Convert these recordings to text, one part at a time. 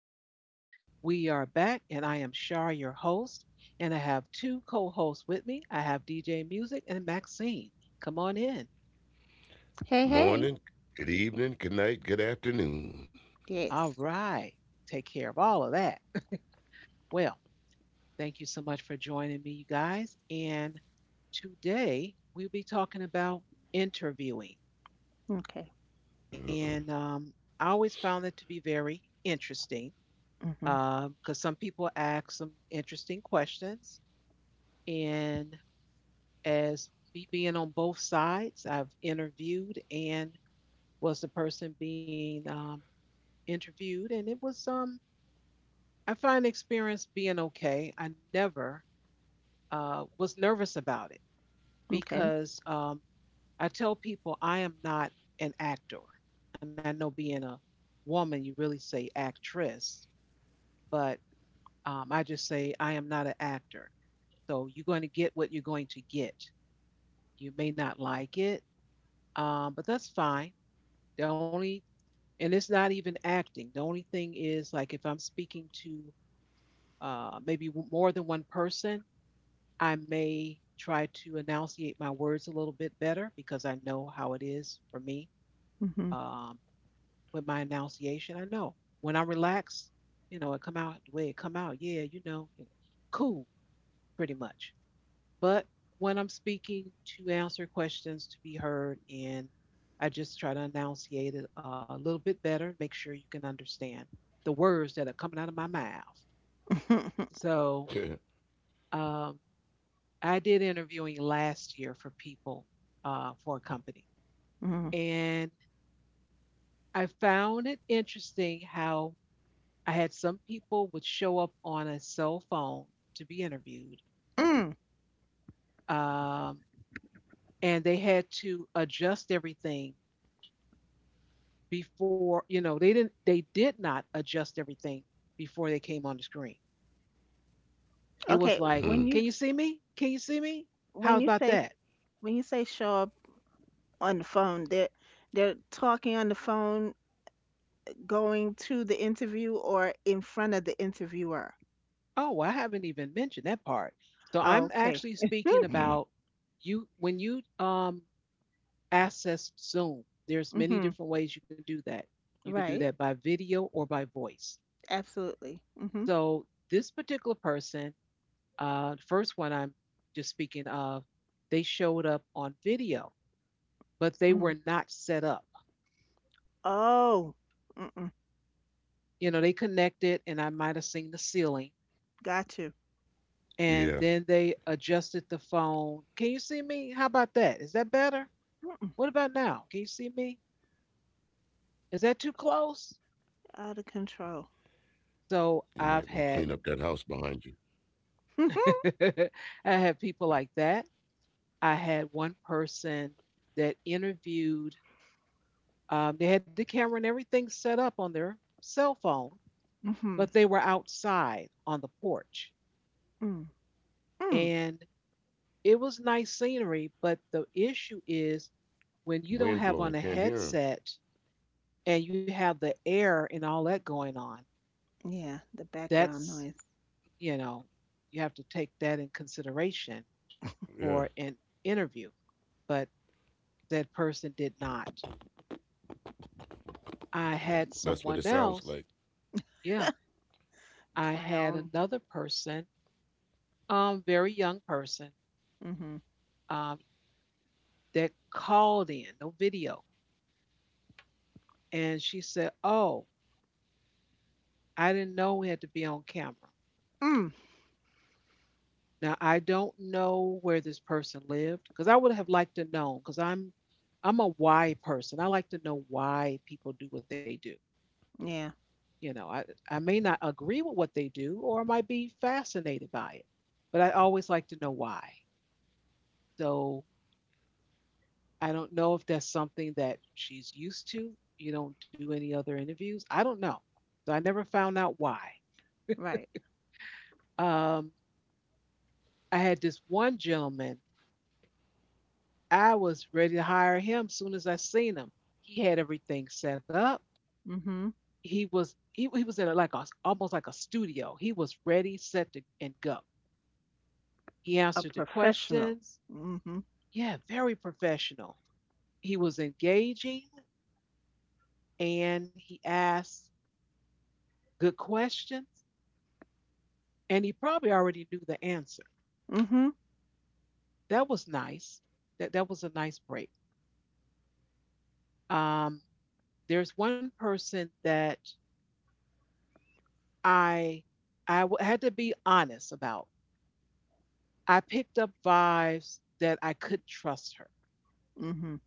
land. We are back, and I am Shar, your host, and I have two co hosts with me. I have DJ Music and Maxine. Come on in. Hey, hey. Morning, good evening, good night, good afternoon. All Yes. right. Take care of all of that. Well, thank you so much for joining me, you guys. And today we'll be talking about interviewing. Okay. Uh-uh. And I always found it to be very interesting Mhm. because some people ask some interesting questions. And as me being on both sides. I've interviewed and was the person being interviewed, and it was I find the experience being okay. I never was nervous about it Okay. because I tell people I am not an actor, and I know being a woman you really say actress, but I just say I am not an actor. So you're going to get what you're going to get. You may not like it, but that's fine. The only and it's not even acting. The only thing is like if I'm speaking to more than one person, I may try to enunciate my words a little bit better because I know how it is for me Mhm. um, with my enunciation. I know when I'm relaxed, you know, it come out the way it come out. Yeah, cool, pretty much but when I'm speaking to answer questions to be heard, and I just try to enunciate it a little bit better, make sure you can understand the words that are coming out of my mouth. So um, I did interviewing last year for people for a company, Mhm. and I found it interesting how I had some people would show up on a cell phone to be interviewed, Mm. um, and they had to adjust everything before. They did not adjust everything before they came on the screen. It Mm, was Okay. like, When you can you see me, can you see me, how when you about say that? when you say show up on the phone, they're talking on the phone, going to the interview or in front of the interviewer. Oh well, I haven't even mentioned that part. So I'm Okay. actually speaking about you when you access Zoom, there's many Mhm. different ways you can do that. You can do that Right. by video or by voice. Absolutely. Mhm. So this particular person, the first one I'm just speaking of, they showed up on video, but they were Mhm. not set up. Oh. Mm-mm. You know, they connected and I might have seen the ceiling. Got you. And yeah, then they adjusted the phone. Can you see me? How about that? Is that better? Mm-mm. What about now? Can you see me? Is that too close? Out of control. you might So want to clean I've up that had, house behind you. I had people like that. I had one person that interviewed, they had the camera and everything set up on their cell phone, Mhm. but they were outside on the porch. Mm. Mm. And it was nice scenery, but the issue is when you don't Wind have blowing, on a can't hear him. headset and you have the air and all that going on, Yeah. The background that's, noise. you know, you have to take that in consideration Yeah, for an interview. But that person did not. I had that's what it someone sounds else. like. Yeah, I had Clown. another person, very young person, Mhm. um, that called in, no video, and she said, "Oh, I didn't know we had to be on camera." Mm. Now I don't know where this person lived because I would have liked to know because I'm a why person. I like to know why people do what they do. Yeah. You know, I may not agree with what they do or I might be fascinated by it, but I always like to know why. So I don't know if that's something that she's used to. You don't do any other interviews. I don't know. So I never found out why. Right. Um, I had this one gentleman, I was ready to hire him soon as I seen him. He had everything set up. Mhm. He was in a, like a, almost like a studio. He was ready, set to and go. He A answered the professional. questions. Mhm. Yeah, very professional. He was engaging and he asked good questions and he probably already knew the answer. Mhm. That was nice. That that was a nice break. Um there's one person that I I had to be honest about. I picked up vibes that I could trust her, Mhm.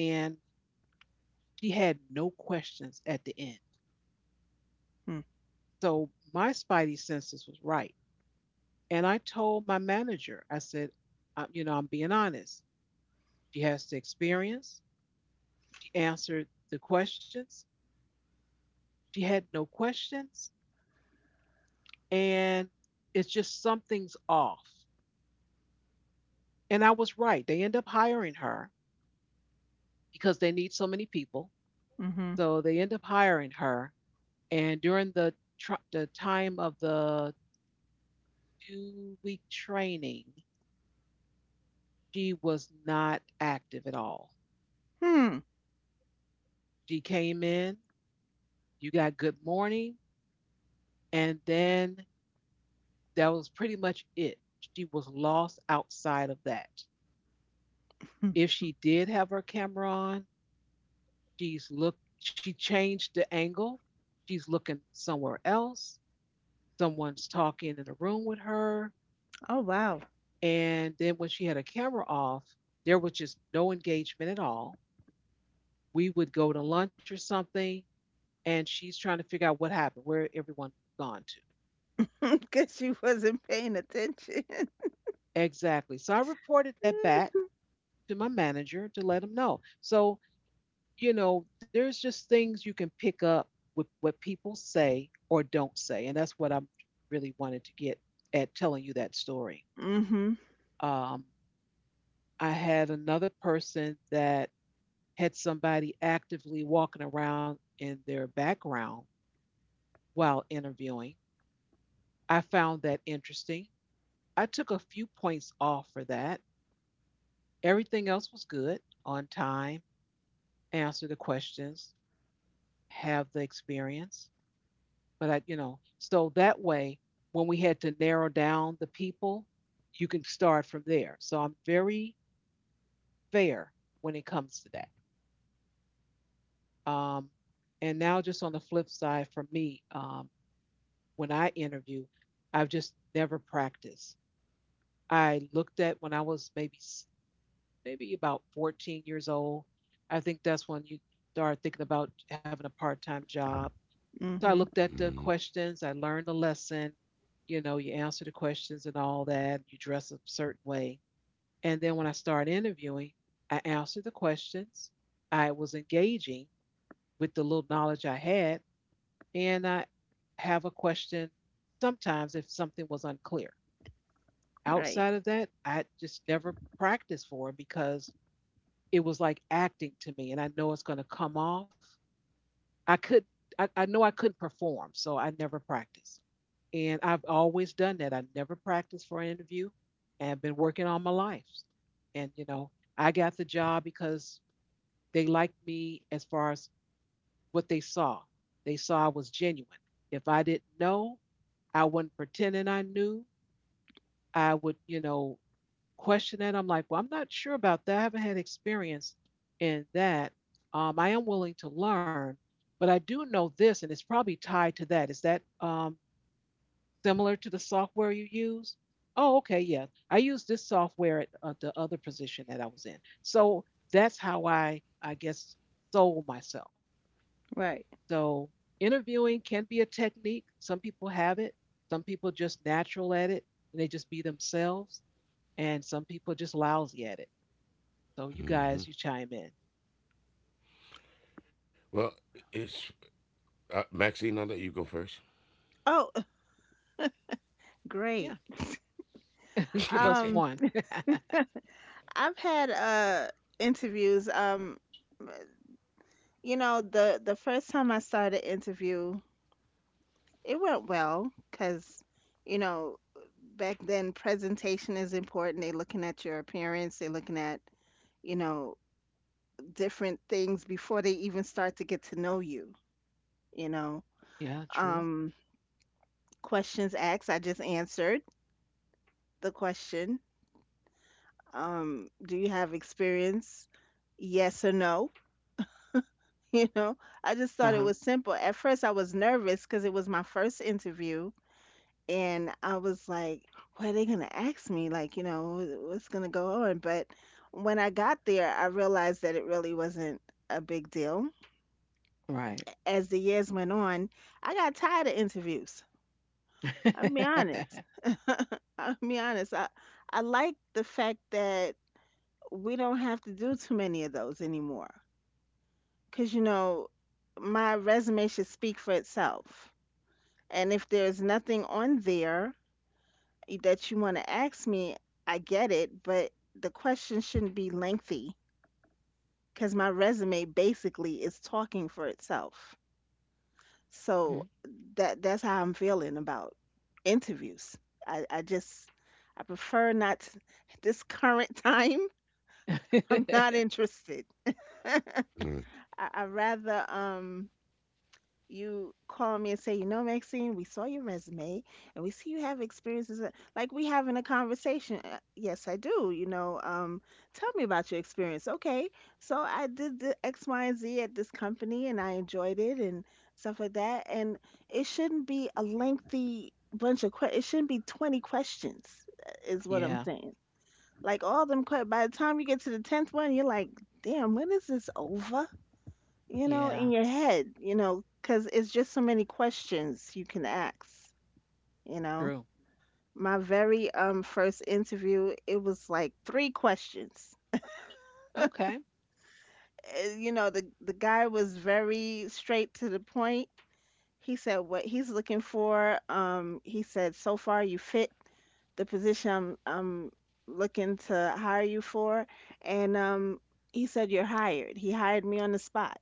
and she had no questions at the end. Hmm. So my spidey senses was right, and I told my manager, I said, you know, I'm being honest. She has the experience. She answered the questions. She had no questions, and it's just something's off. And I was right. They end up hiring her because they need so many people. Mhm. So they end up hiring her, and during the the time of the 2 week training, she was not active at all. Hmm. She came in, you got good morning, and then that was pretty much it. She was lost outside of that. If she did have her camera on, she's looked she changed the angle. She's looking somewhere else. Someone's talking in the room with her. Oh, wow. And then when she had a camera off, there was just no engagement at all. We would go to lunch or something, and she's trying to figure out what happened, where everyone gone to. Guess she wasn't paying attention. Exactly. So I reported that back to my manager to let him know. So, you know, there's just things you can pick up with what people say or don't say. And that's what I really wanted to get at telling you that story. Mhm. Um, I had another person that had somebody actively walking around in their background while interviewing. I found that interesting. I took a few points off for that. Everything else was good, on time, answer the questions, have the experience. But I, you know, so that way, when we had to narrow down the people, you can start from there. So I'm very fair when it comes to that. Um, and now, just on the flip side, for me, when I interview, I've just never practiced. I looked at when I was maybe about 14 years old. I think that's when you start thinking about having a part time job. So I Mhm. looked at the Hmm. questions, I learned the lesson, you know, you answer the questions and all that, you dress a certain way. And then when I started interviewing, I answered the questions, I was engaging with the little knowledge I had, and I have a question sometimes if something was unclear. Right. Outside of that, I just never practiced for it because it was like acting to me and I know it's going to come off. I could I, I know I couldn't perform so I never practiced, and I've always done that. I never practiced for an interview and I've been working all my life and you know I got the job because they liked me as far as what they saw. They saw I was genuine. If I didn't know, I wasn't pretending I knew. I would, you know, question that. I'm like, well, I'm not sure about that. I haven't had experience in that. I am willing to learn, but I do know this, and it's probably tied to that. Is that similar to the software you use? Oh, okay, yeah. I used this software at the other position that I was in. So that's how I guess, sold myself. Right. So interviewing can be a technique. Some people have it. Some people just natural at it and they just be themselves. And some people just lousy at it. So you guys, you Hmm. chime in. Well, it's Maxine. I'll let you go first. Oh, Yeah, great. give us Um, one. I've had interviews. You know, the first time I started interview, it went well because, you know, back then presentation is important. They're looking at your appearance, they're looking at, you know, different things before they even start to get to know you, you know. Yeah, true. Um, Questions asked, I just answered the question. Do you have experience? Yes or no? You know, I just Uh thought huh. it was simple. At first, I was nervous because it was my first interview and I was like, what are they gonna ask me? Like, you know, what's gonna go on? But when I got there, I realized that it really wasn't a big deal. Right. As the years went on, I got tired of interviews. I'll be honest. I'll be honest. I like the fact that we don't have to do too many of those anymore. Because, you know, my resume should speak for itself. And if there's nothing on there that you want to ask me, I get it, but the question shouldn't be lengthy because my resume basically is talking for itself. Mhm. So that that's how I'm feeling about interviews. I just I prefer not to- at this current time. I'm not interested. I, Mm, I'd rather you call me and say, you know, Maxine, we saw your resume and we see you have experiences. That- Like we having a conversation. Yes, I do. You know, tell me about your experience. Okay, so I did the X, Y, and Z at this company and I enjoyed it and stuff like that. And it shouldn't be a lengthy bunch of questions. It shouldn't be 20 questions, is what I'm Yeah, saying. Like all them, by the time you get to the 10th one, you're like, damn, when is this over? You know, yeah, in your head, you know, because it's just so many questions you can ask, you know. true. My very first interview, it was like three questions. Okay. You know, the guy was very straight to the point. He said what he's looking for. He said so far you fit the position I'm looking to hire you for, and he said you're hired. He hired me on the spot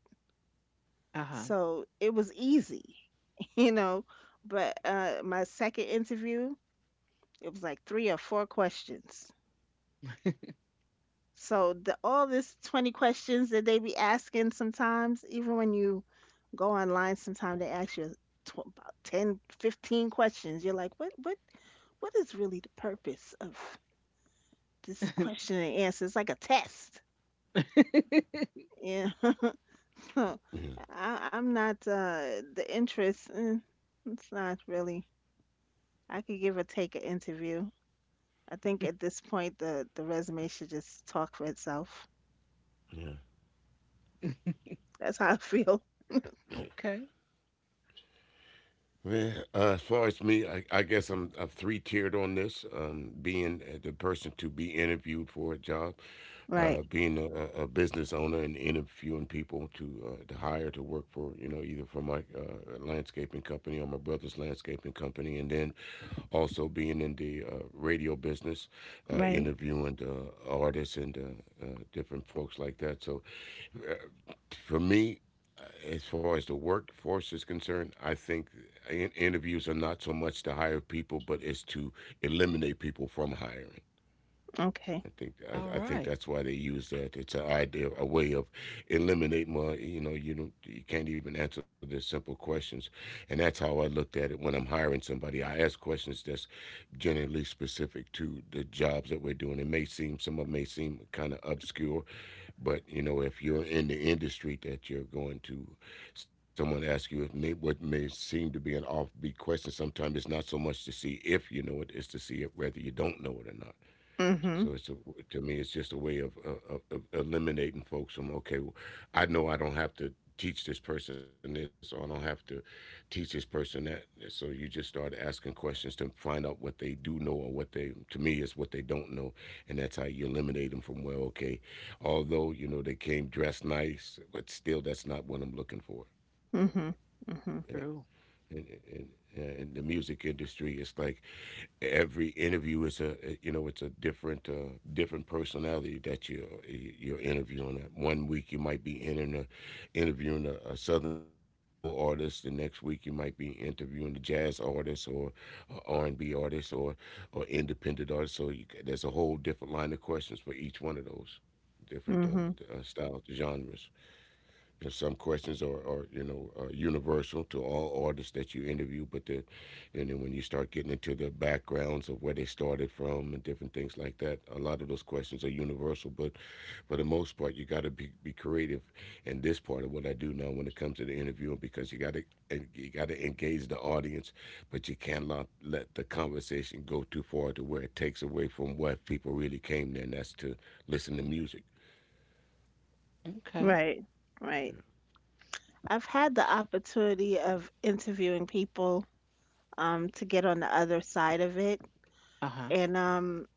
Uh huh. so it was easy, you know. But my second interview, it was like three or four questions. So the all this 20 questions that they be asking sometimes, even when you go online, sometimes they ask you tw about 10, 15 questions. You're like, what is really the purpose of this question and answer? It's like a test. Yeah. So yeah, I'm not the interest. It's not really. I could give or take an interview. I think at this point the resume should just talk for itself. yeah, That's how I feel. yeah. Okay. Well, as far as me, I guess I'm three tiered on this. Being the person to be interviewed for a job, Right. Being a business owner and interviewing people to hire to work for either for my landscaping company or my brother's landscaping company, and then also being in the radio business, Right. interviewing artists and different folks like that. So uh, for me, uh, as far as the workforce is concerned, I think interviews are not so much to hire people, but it's to eliminate people from hiring. Okay. I think All I, I think right. that's why they use that. It's an idea, a way of eliminating. Well, you can't even answer the simple questions, and that's how I looked at it when I'm hiring somebody. I ask questions that's generally specific to the jobs that we're doing. It may seem some of 'em may seem kind of obscure, but if you're in the industry that you're going to, someone asks you what may seem to be an offbeat question. Sometimes it's not so much to see if you know it; it's to see if whether you don't know it or not. Mhm. So to me, it's just a way of eliminating folks from okay, well, I know I don't have to teach this person this, or I don't have to teach this person that. So you just start asking questions to find out what they do know or what they, to me, is what they don't know, and that's how you eliminate them from well, okay, although they came dressed nice, but still that's not what I'm looking for. Mhm. Yeah, Mhm. True. and and and the music industry, it's like every interview is a it's a different personality that you're interviewing. One week you might be interviewing a southern soul artist, the next week you might be interviewing a jazz artist or R and B artist or independent artist. So there's a whole different line of questions for each one of those different Mhm. Styles, genres. And some questions are universal to all artists that you interview, and then when you start getting into their backgrounds of where they started from and different things like that, a lot of those questions are universal. But for the most part, you got to be creative in this part of what I do now when it comes to the interviewing, because you got to engage the audience, but you cannot let the conversation go too far to where it takes away from what people really came there, and that's to listen to music. Okay. Right. Right. Yeah. I've had the opportunity of interviewing people to get on the other side of it Uh huh. and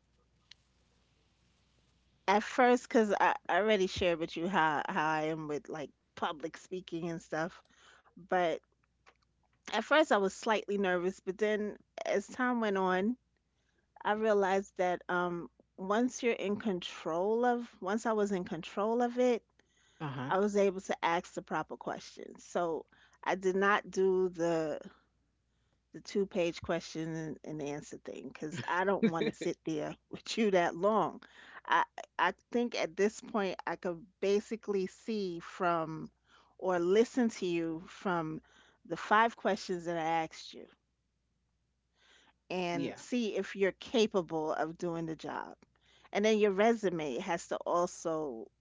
at first cuz I already shared with you how I am with like public speaking and stuff, but at first I was slightly nervous, but then as time went on I realized that once I was in control of it, Uh huh. I was able to ask the proper questions. So I did not do the two-page question and answer thing because I don't want to sit there with you that long. I I think at this point I could basically see from or listen to you from the five questions that I asked you Yeah. and see if you're capable of doing the job. And then your resume has to also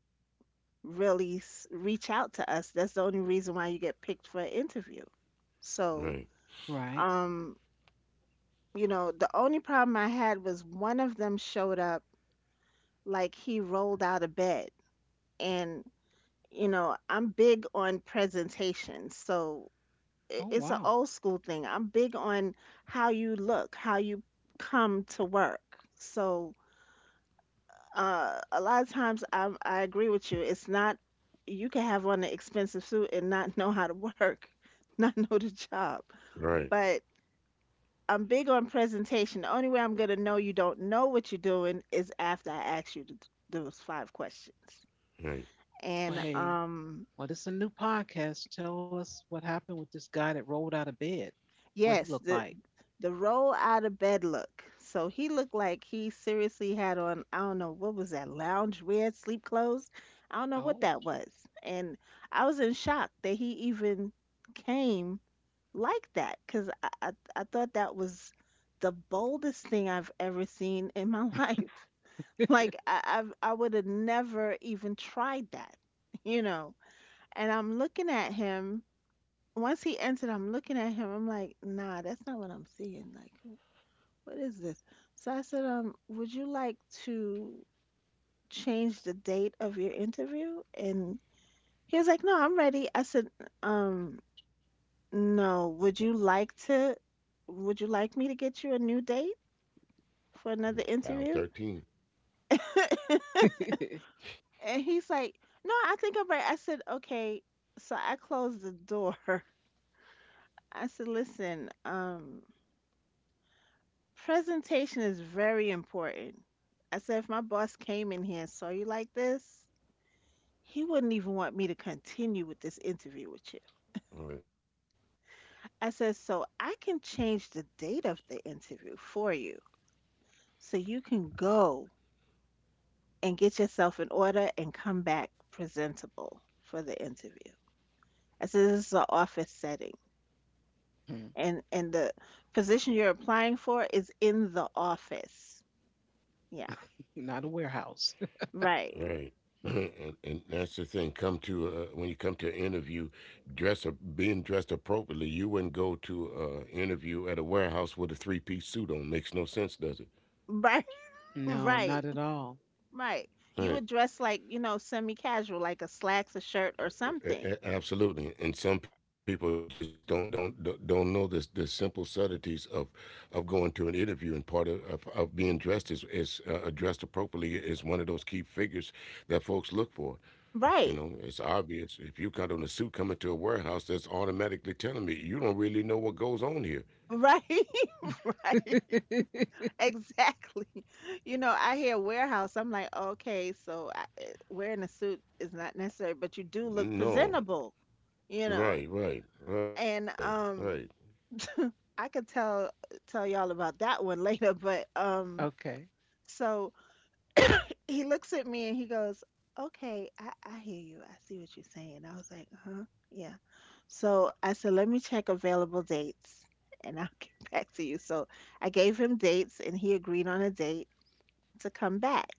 really reach out to us. That's the only reason why you get picked for an interview. So, Right, Right. um, you know, the only problem I had was one of them showed up like he rolled out of bed. And, you know, I'm big on presentation. So Oh, it's an wow. old school thing. I'm big on how you look, how you come to work. So, a lot of times I agree with you. It's not you can have on an expensive suit and not know how to work, not know the job. right, But I'm big on presentation. The only way I'm gonna know you don't know what you're doing is after I ask you those five questions. right. Well, And hey, well, this is a new podcast. Tell us what happened with this guy that rolled out of bed, what he yes, looked like. the roll out of bed look. So he looked like he seriously had on, I don't know, what was that, lounge wear, sleep clothes? I don't know what Oh. that was. And I was in shock that he even came like that because I thought that was the boldest thing I've ever seen in my life. Like, I would have never even tried that, you know? And I'm looking at him once he entered, I'm looking at him. I'm like, nah, that's not what I'm seeing. Like, what is this? So I said, would you like to change the date of your interview? And he was like, no, I'm ready. I said, um, no, would you like me to get you a new date for another File interview? 13. And he's like, no, I think I'm ready. I said, okay. So I closed the door. I said, listen, presentation is very important. I said, if my boss came in here and saw you like this, he wouldn't even want me to continue with this interview with you. All right. I said, so I can change the date of the interview for you so you can go and get yourself in order and come back presentable for the interview. I said, this is an office setting Hmm. And the position you're applying for is in the office. Yeah, Not a warehouse. All right. right. And that's the thing. Come to When you come to an interview, dress up, being dressed appropriately. You wouldn't go to an interview at a warehouse with a three-piece suit on. Makes no sense, does it? Right, No, not right. at all. Right. You Right. would dress like, you know, semi-casual, like a slacks, a shirt, or something. Absolutely. And some people just don't know this the simple subtleties of going to an interview, and part of being dressed is dressed appropriately is one of those key figures that folks look for. You Right. know, it's obvious. If you got on a suit coming to a warehouse, that's automatically telling me you don't really know what goes on here. Right. Right. Exactly. You know, I hear warehouse. I'm like, okay, so wearing a suit is not necessary, but you do look No, presentable, you know. right, right, right, And right. I could tell y'all about that one later. But Okay. so he looks at me and he goes, "Okay, I hear you. I see what you're saying." I was like, "Huh, yeah." So I said, "Let me check available dates, and I'll get back to you." So I gave him dates, and he agreed on a date to come back.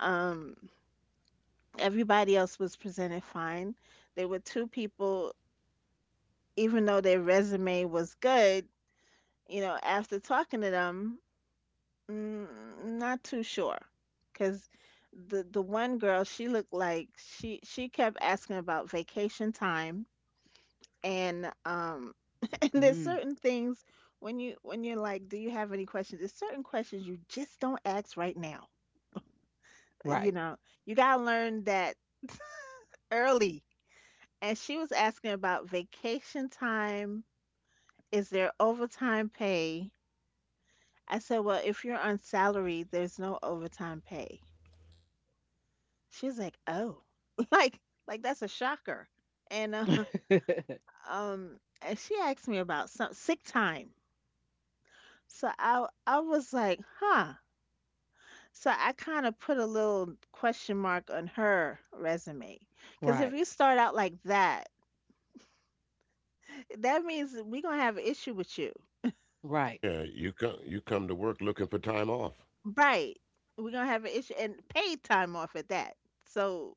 Um, everybody else was presented fine. There were two people, even though their resume was good. You know, after talking to them, mm, not too sure, because the one girl she looked like she kept asking about vacation time and and there's Mm, certain things when you're like, do you have any questions? There's certain questions you just don't ask right now. right. You know, you gotta learn that early. And she was asking about vacation time. Is there overtime pay? I said, well, if you're on salary, there's no overtime pay. She was like, "Oh." Like like that's a shocker. And and she asked me about some sick time. So I was like, "Huh." So I kind of put a little question mark on her resume. Cuz if Right. you start out like that, that means we're going to have an issue with you. Right. Yeah, you come to work looking for time off. Right. We're going to have an issue and paid time off at that. So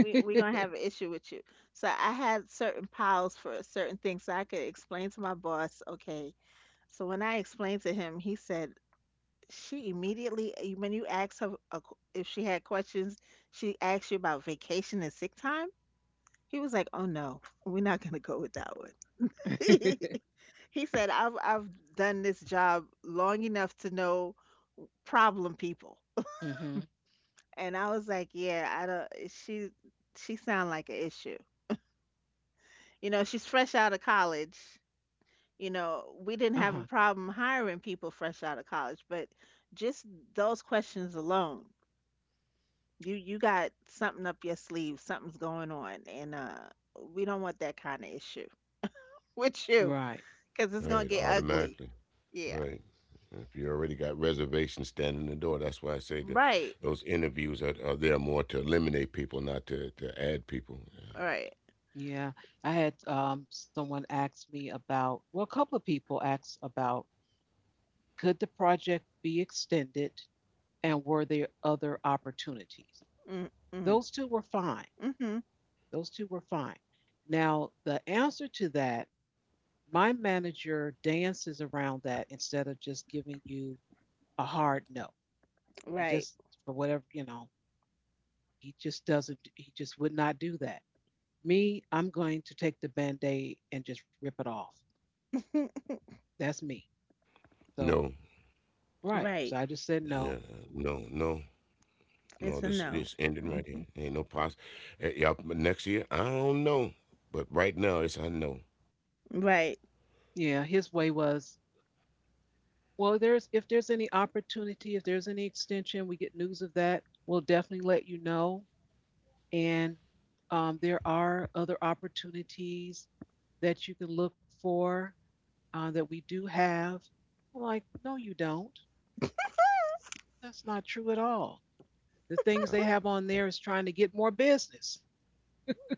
we're going to have an issue with you. So I had certain piles for certain things so I could explain to my boss, "Okay, so when I explained to him, he said she immediately, when you asked her a if she had questions, she asked you about vacation and sick time. He was like, "Oh no, we're not gonna go with that one." Hmm. He said, "I've done this job long enough to know problem people," and I was like, "Yeah, I don't." She sound like an issue. You know, she's fresh out of college. You know, we didn't have a Uh-huh. problem hiring people fresh out of college, but just those questions alone you you got something up your sleeve. Something's going on, and we don't want that kind of issue with you, Right. because it's gonna Right, get ugly. automatically. Yeah. Right. If you already got reservations standing in the door, that's why I say that Right. those interviews are there more to eliminate people, not to add people. Yeah. Right. Yeah. I had someone ask me about, well, a couple of people asked about could the project be extended and were there other opportunities? Mm. Mm. Those two were fine. Mm-hmm. Those two were fine. Now, the answer to that, my manager dances around that instead of just giving you a hard no. He Right. just, for whatever, you know, he just doesn't, he just would not do that. Me, I'm going to take the band aid and just rip it off. That's me. So, No, right. So Right. I just said yeah, no. no, no. No, It's a this no. this ending hmm right here. Ain't no pause. Y'all, next year I don't know, but right now it's I know. Right. Yeah, his way was, well, there's if there's any opportunity, if there's any extension, we get news of that, we'll definitely let you know. And there are other opportunities that you can look for, that we do have. I'm like, no, you don't. That's not true at all. The Uh, things they have uh, on there is trying to get more business.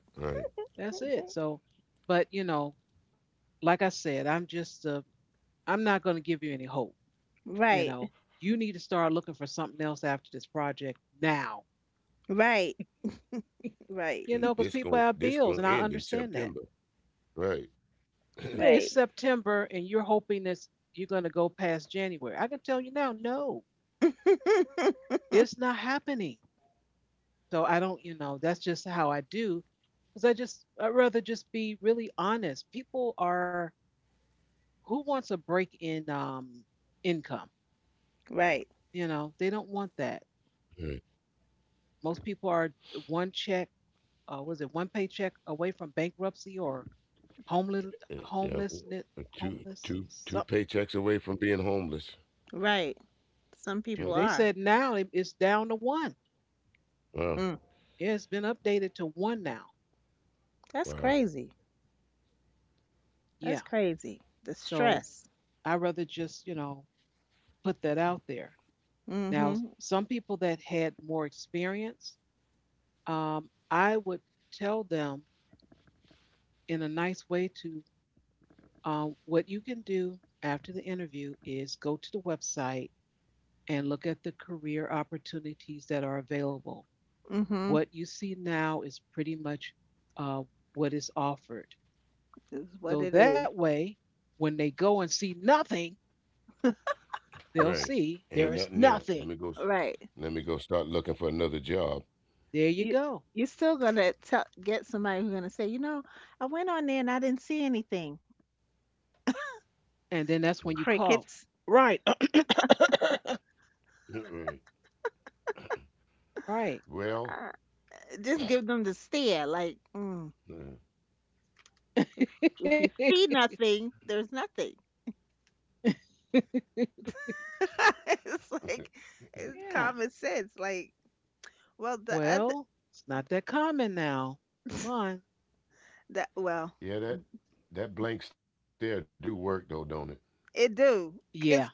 Right, That's it. So, but you know, like I said, I'm just, I'm not going to give you any hope. You Right. know, you need to start looking for something else after this project now. Right. Right. You cause know, because this people gon' have this bills, gonna and I end in understand that. September. Right. Hey, it's Right. September, and you're hoping that you're going to go past January. I can tell you now, no, it's not happening. So I don't, you know, that's just how I do. Because I just, I'd rather just be really honest. People are, who wants a break in income? Right. You know, they don't want that. Right. Most people are one check, was it one paycheck away from bankruptcy or Yeah. homelessness, uh, Two homeless two something. two paychecks away from being homeless. Right. Some people Shoot, Yeah. they are. said now it's down to one. Wow. Mm. Yeah, it's been updated to one now. That's Wow. crazy. Yeah. That's crazy. The So stress. I'd rather just, you know, put that out there. Now, Mm-hmm. some people that had more experience, I would tell them in a nice way to what you can do after the interview is go to the website and look at the career opportunities that are available. Mm-hmm. What you see now is pretty much uh, what is offered. Is what So it that is. way, when they go and see nothing, they'll Right. see there Ain't is nothing there. Let nothing. me go. Right. Let me go start looking for another job. There you You go. you're still gonna tell get somebody who's gonna say, I went on there and I didn't see anything. And then that's when you call. Crickets. Right. Yeah, right. Right. Well. Uh, just give them the stare. Like, mm, Yeah. if if you see nothing, there's nothing. It's like it's Yeah. common sense. Like, well, the other Well, it's not that common now. Come on. the well, Yeah, that blank stare do work though, don't it? it do Yeah, because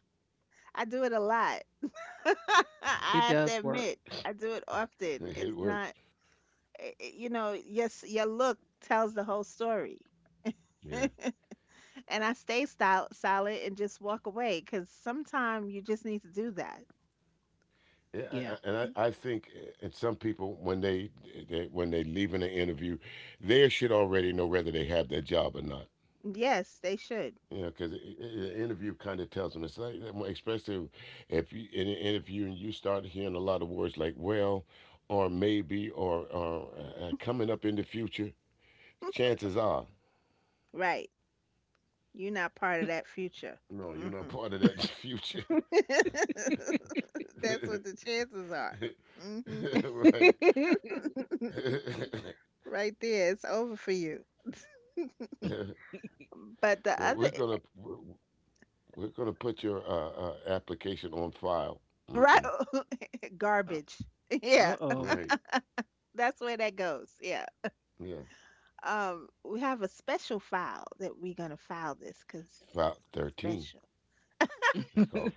I do it a lot. it I have does to work. admit, I do it often. It It's works. not, yes, your look tells the whole story. Yeah. And I stay silent and just walk away because sometimes you just need to do that. Yeah, Yeah. and I think, and some people when they leave in an interview, they should already know whether they have that job or not. Yes, they should. You know, because the interview kind of tells them. It's like, especially if you in an interview and you start hearing a lot of words like well, or maybe, or coming up in the future. Chances are, Right. You're not part of that future. no, you're not hmm part of that future. That's what the chances are. hmm Right. Right there. It's over for you. But the well, other, we're gonna We're gonna put your application on file. right, Mm-mm. garbage. Uh Yeah. oh. Right. That's where that goes. Yeah. Yeah. We have a special file that we're gonna file this because it's File 13. special. It's called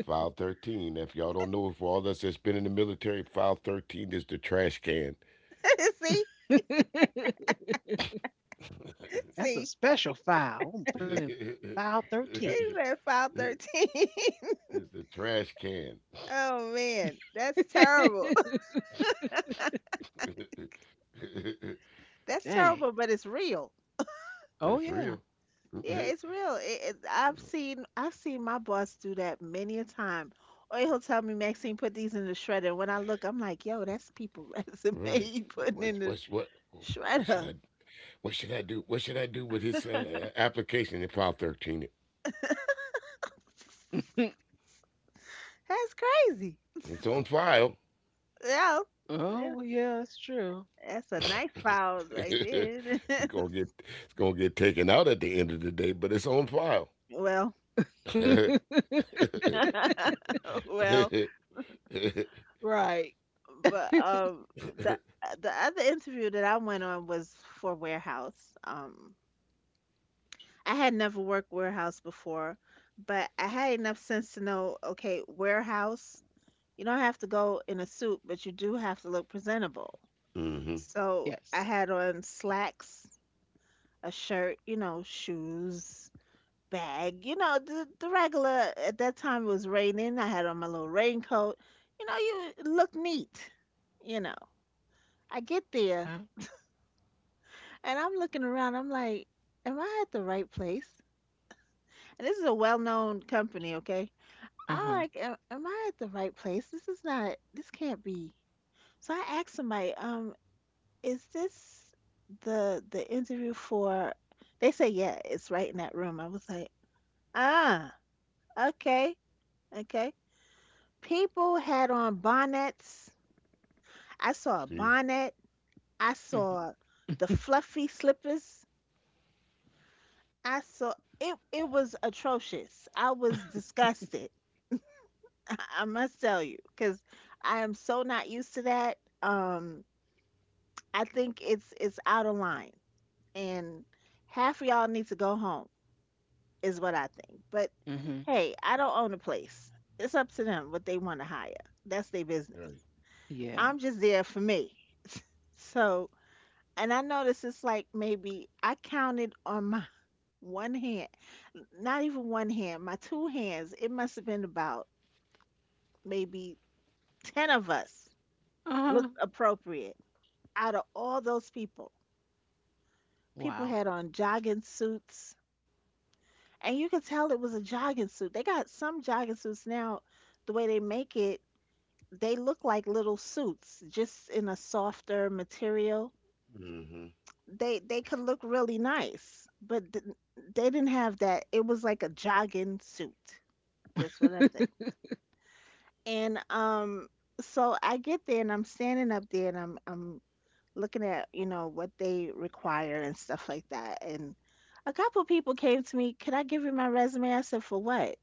file 13. If y'all don't know, for all us that's been in the military, file 13 is the trash can. See, That's a see, special file. I'm putting in It's file 13. it's at file 13. the trash can. Oh man, that's terrible. That's Dang. terrible, but it's real. Oh, That's real. yeah. Yeah, it's real. I've seen my boss do that many a time. Or he'll tell me, Maxine, put these in the shredder. And when I look, I'm like, yo, that's people resume Right. you But what? putting in the What's what? What should I? shredder. What should I do? What should I do with his application in file 13? That's crazy. It's on file. Yeah, yeah, Oh, yeah, that's true. that's a nice files right it's there. gonna get it's gonna get taken out at the end of the day, but it's on file. Well, well, hmm Right. but the the other interview that I went on was for Warehouse. I had never worked warehouse before, but I had enough sense to know, okay, warehouse, you don't have to go in a suit, but you do have to look presentable. So I Yes. had on slacks, a shirt, you know, shoes, bag, you know, the regular. At that time it was raining. I had on my little raincoat. You know, you look neat, you know. I get there Huh? and I'm looking around. I'm like, am I at the right place? And this is a well known company, okay? Uh I'm huh. like, am I at the right place? This is not, this can't be. So I asked somebody, is this the interview for? They say, yeah, it's right in that room. I was like, ah, okay, okay. People had on bonnets. I saw a See, bonnet. I Mm-hmm. saw the fluffy slippers. I saw it. It was atrocious. I was disgusted. I must tell you, because I am so not used to that. Um, I think it's out of line, and half of y'all need to go home, is what I think. But Hmm. hey, I don't own a place. It's up to them what they want to hire. That's their right. business. Yeah. I'm just there for me. So, and I noticed it's like maybe I counted on my one hand, not even one hand, my two hands. It must have been about maybe 10 of us Uh huh. looked appropriate out of all those people. People Wow. had on jogging suits and you could tell it was a jogging suit. They got some jogging suits now, the way they make it, they look like little suits, just in a softer material. Hmm. They could look really nice, but they didn't have that. It was like a jogging suit. Just what I said. And so I get there and I'm standing up there and I'm looking at you know what they require and stuff like that. And a couple people came to me. Could I give you my resume? I said for what?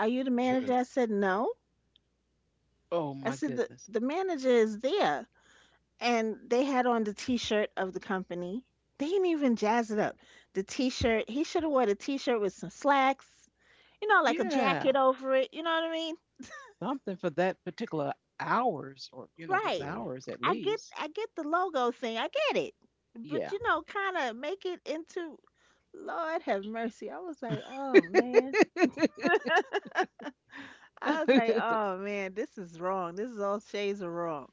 Are you the manager? I said, no. Oh, I my said, goodness. the manager is there. And they had on the t shirt of the company. They didn't even jazz it up. The t shirt, he should have wore the t shirt with some slacks, you know, like a Yeah. jacket over it. You know what I mean? Something for that particular hours or, you know, those Right. Right. hours at least. I get the logo thing. I get it. But Yeah. you know, kind of make it into Lord have mercy. I was like, "Oh man." I was like, oh man, this is wrong. This is all shades are wrong.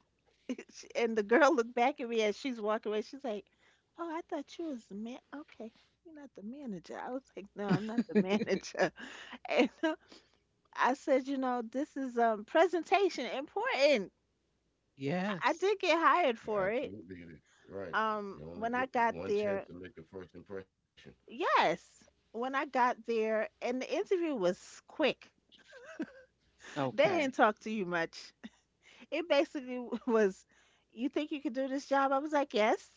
And the girl looked back at me as she's walking away. She's like, oh, I thought you was the man. Okay, you're not the manager. I was like, no, I'm not the manager. And I said, you know, this is presentation important. I Yes. did get hired Yeah, for it. absolutely, it is. Right. You only get When I one got chance to there, make a first impression. yes, when I got there, and the interview was quick. They Okay. didn't talk to you much. It basically was, you think you could do this job? I was like, yes.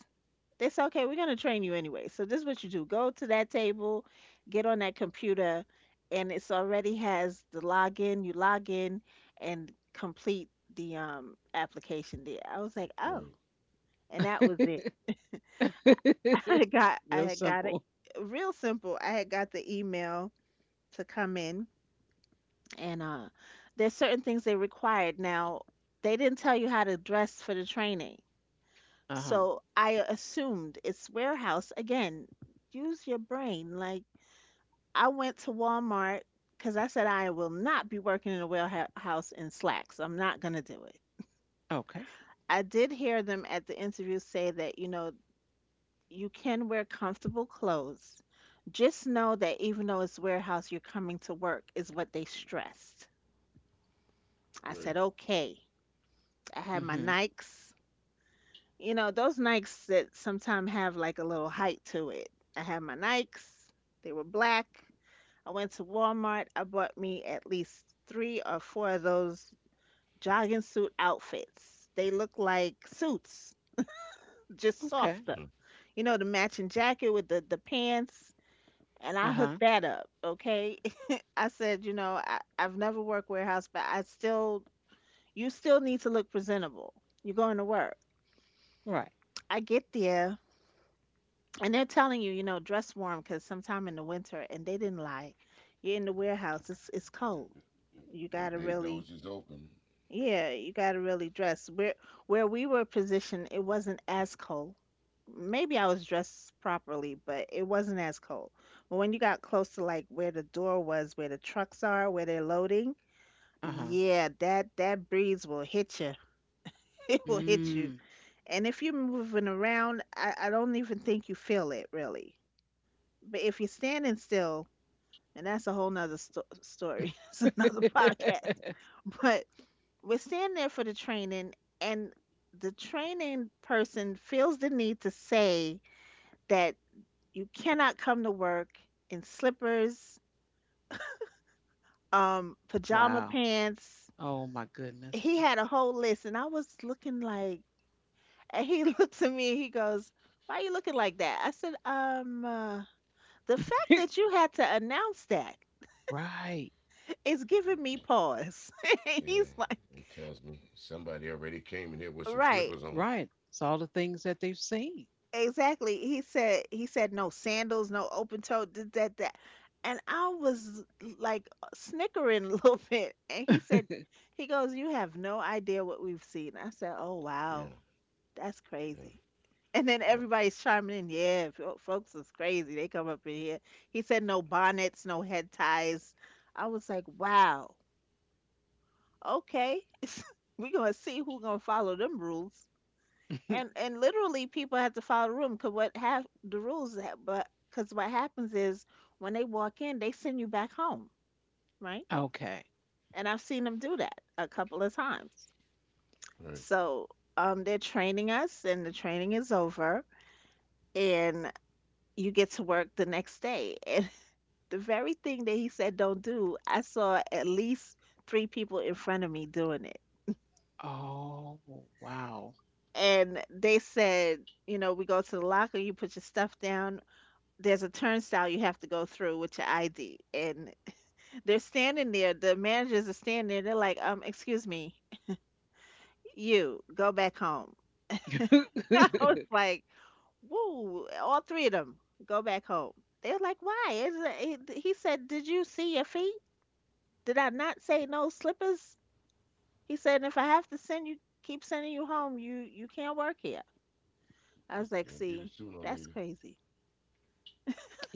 They said, okay, we're going to train you anyway. So this is what you do. Go to that table, get on that computer, and it's already has the login. You log in and complete the application there. I was like, Right. oh. And that was it. I Real had got it simple. real simple. I had got the email to come in and there's certain things they required. Now, they didn't tell you how to dress for the training. Uh-huh. So I assumed it's warehouse. Again, use your brain. Like I went to Walmart because I said I will not be working in a warehouse in slacks. I'm not going to do it. Okay. I did hear them at the interview say that, you know, you can wear comfortable clothes. Just know that even though it's warehouse, you're coming to work, is what they stressed. Right. I said, okay. I had my Mm-hmm. Nikes. You know, those Nikes that sometimes have like a little height to it. I had my Nikes, they were black. I went to Walmart, I bought me at least three or four of those jogging suit outfits. They look like suits, just Okay. softer. Mhm. You know, the matching jacket with the pants. And I Uh-huh. hooked that up, okay? I said, you know, I've never worked warehouse, but I still, you still need to look presentable. You're going to work. Right. I get there and they're telling you, you know, dress warm because sometime in the winter, and they didn't lie. You're in the warehouse; it's Yeah, cold. yeah, You yeah. Them gotta bay doors really, is open. yeah, you gotta really dress. Where we were positioned, it wasn't as cold. Maybe I was dressed properly, but it wasn't as cold. But when you got close to like where the door was, where the trucks are, where they're loading, Uh-huh. yeah, that breeze will hit you. It will Hmm. hit you. Mm. And if you're moving around, I don't even think you feel it really. But if you're standing still, and that's a whole nother story, it's another podcast. But we're standing there for the training, and the training person feels the need to say that you cannot come to work in slippers, pajama Wow. pants. Oh my goodness. He That's had a whole list, and I was looking like, and he looks at me, he goes, "Why are you looking like that?" I said, the fact that you had to announce that." right. It's giving me pause. Yeah. He's like, It tells me somebody already came in here with some slippers right, on. Right. It's all the things that they've seen. exactly. He said, no sandals, no open toe, did that, that. And I was like snickering a little bit. And he goes, you have no idea what we've seen. I said, oh, Yeah. wow, that's Yeah. crazy. And then Yeah. everybody's chiming in, yeah, folks is crazy. They come up in here. He said, no bonnets, no head ties. I was like, wow, okay. We're going to see who going to follow them rules. and and literally people have to follow the room because what have the rules that but because what happens is when they walk in they send you back home, right, Okay. and I've seen them do that a couple of times. Right. So they're training us and the training is over, and you get to work the next day and the very thing that he said don't do I saw at least three people in front of me doing it. Oh, wow. And they said, you know, we go to the locker, you put your stuff down, there's a turnstile you have to go through with your ID. And they're standing there, the managers are standing there, they're like, excuse me, you go back home. I Yeah. was like, woo, all three of them go back home. They're like, why? Is it, he said, did you see your feet? Did I not say no slippers? He said, if I have to send you, keep sending you home, you can't work here. I was like, You'll get it see, sooner or that's later. crazy.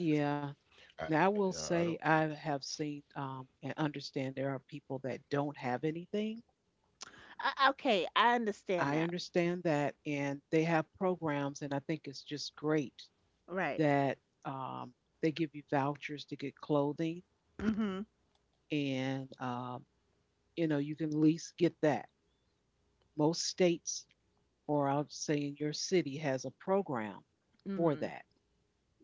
Yeah. I, Now, I will I I don't. say I have seen and understand there are people that don't have anything. Okay, I understand I that. understand that, and they have programs, and I think it's just great Right. that they give you vouchers to get clothing, Hmm. and you know you can at least get that. Most states, or I'll say in your city, has a program for Hmm. that.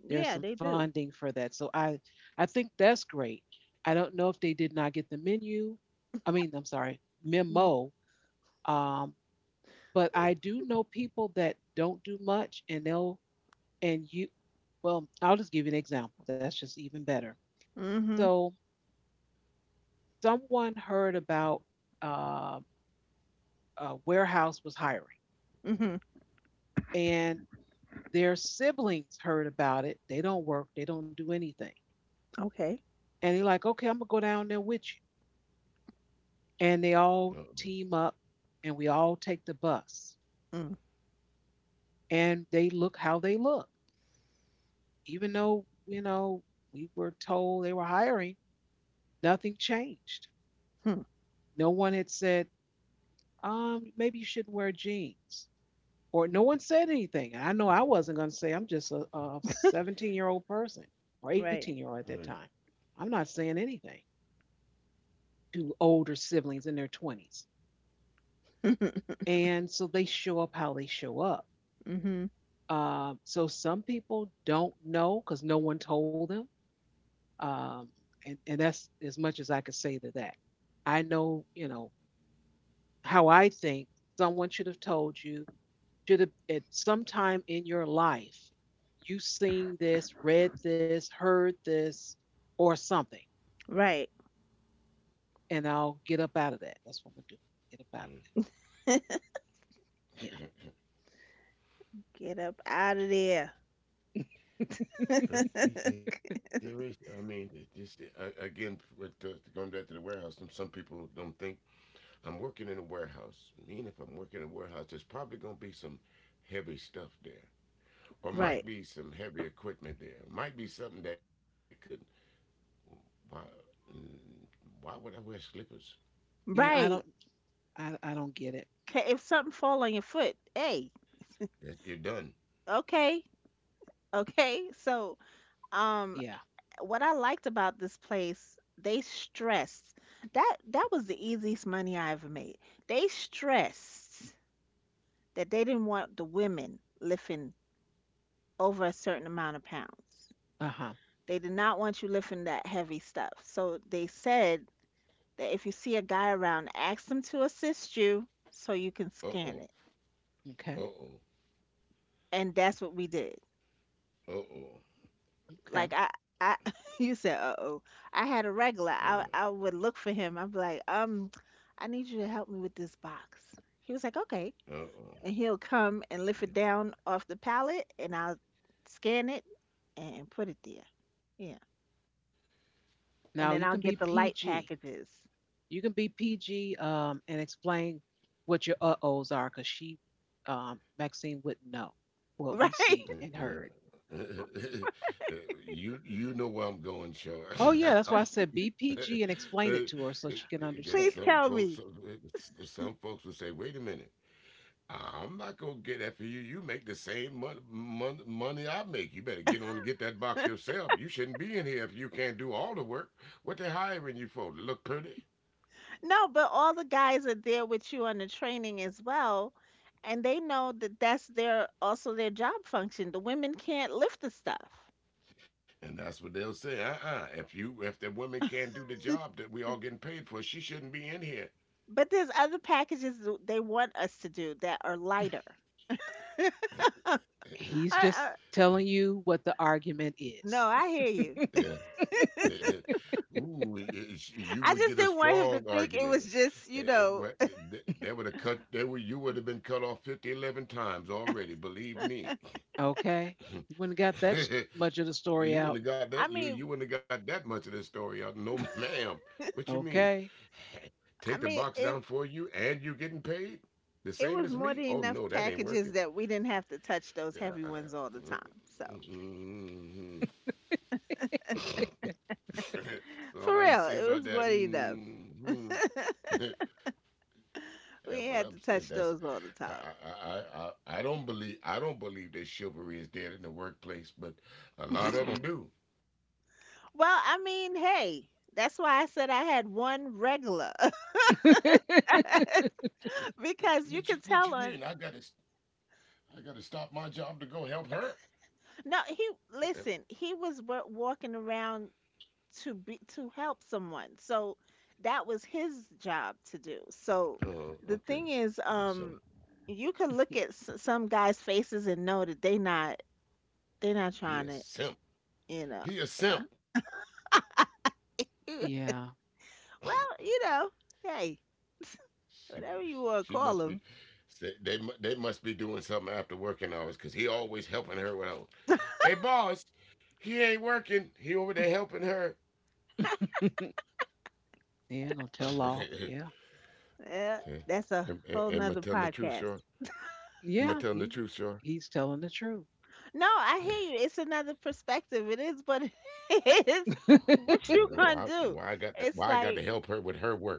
Yeah, There's they some do. funding for that. So I think that's great. I don't know if they did not get the menu. I mean, I'm sorry, Mhm. memo. Um, but I do know people that don't do much and they'll and you well, I'll just give you an example. That's just even better. Mhm. So someone heard about uh, a warehouse was hiring Mhm. and their siblings heard about it. They don't work, they don't do anything. Okay. And they're like, okay, I'm gonna go down there with you. And they all Uh, team up and we all take the bus and they look how they look, even though you know we were told they were hiring, nothing changed. Mhm. No one had said maybe you shouldn't wear jeans, or no one said anything. I know I wasn't going to say. I'm just a 17-year-old person or 18 year Right. old at uh, that time. I'm not saying anything to older siblings in their 20s. And so they show up how they show up. Mhm. So some people don't know because no one told them, um, and that's as much as I could say to that. I know, you know, how I think someone should have told you, should have at some time in your life, you seen this, read this, heard this, or something. Right. And I'll get up out of that. That's what I'm gonna do. Get up out of it. Get up out of there. that's, that's there is. I mean, this I, again. With going back to the warehouse, some people don't think I'm working in a warehouse. I mean, if I'm working in a warehouse, there's probably gonna be some heavy stuff there, or Right. might be some heavy equipment there. Might be something that could. Why? mm, Why would I wear slippers? Yeah. Yeah. I Right. don't. I don't get it. 'Kay, if something fall on your foot, hey. That, you're done. Okay. Okay. So, um, Yeah. what I liked about this place, they stressed that that was the easiest money I ever made. They stressed that they didn't want the women lifting over a certain amount of pounds. Uh huh. They did not want you lifting that heavy stuff. So they said that if you see a guy around, ask him to assist you so you can Uh oh. scan it. Uh Okay. oh. And that's what we did. Uh oh. Okay. Like I you said, "Uh-oh." I had a Yeah. regular. I would look for him. I'd be like, I need you to help me with this box." He was like, "Okay." Uh oh. And he'll come and lift See. it down off the pallet and I'll scan it and put it there. Yeah. Now And then you I'll can be get the light PG. packages. You can be PG and explain what your ohs are because Maxine, wouldn't know what Right? we see and heard. Yeah. You know where I'm going, Sean. Oh, yeah, that's why I said be PG and explain it to her so she can Because Please understand. some tell folks, me. some folks will say, "Wait a minute, I'm not gonna get that for you. You make the same money I make. You better get on and get that box yourself. You shouldn't be in here if you can't do all the work. What they hiring you for? To look pretty?" No, but all the guys are there with you on the training as well, and they know that that's their also their job function. The women can't lift the stuff. And that's what they'll say. Uh-uh. If the woman can't do the job that we all getting paid for, she shouldn't be in here. But there's other packages they want us to do that are lighter. I, He's I, just telling you what the argument no, is. I hear you. Ooh, you I would just get a didn't want him to strong think it was argument. just, you know, They would have cut. They would. You would have been cut off 50 11 times already. Believe me. Okay. You wouldn't have got that much of the story You out. wouldn't have got I that. You mean, you wouldn't have got that much of this story out. No, ma'am. What you mean? Okay. I Take the mean, box it down for you, and you getting paid the it same was as more me? than Oh enough no, that ain't packages working. that we didn't have to touch those Yeah. heavy I, ones all the time. So, mm, mm, mm. That's for all I can real, say it about was that. more than enough. Mhm. That's We what had I'm to saying. touch That's those all the time. I don't believe that chivalry is dead in the workplace, but a lot of them do. Well, I mean, hey, that's why I said I had one regular. Which which Because you which you, could which you tell on mean? I gotta stop my job to go help her. no, he, Uh, listen, he was walking around to be to help someone. So that was his job to do. So Oh, the okay. thing is He's some. You could look at some guys' faces and know that they not, He trying a to, simp. you know. He a simp. Well, Yeah. you know, hey, She whatever you want to she call must be. them. They must be doing something after working hours, cause he always helping her with. Hey boss, he ain't working. He over there helping her. Yeah, gonna tell off. Yeah. Yeah, Hey, that's a am, whole am I nother telling the truth, Sean? podcast. Am I Yeah, telling the truth, Sean? he's telling the truth. No, I hear you. It's another perspective. It is, but it is You know, what you why gonna why I do. got that why I It's got to help like, her with her work.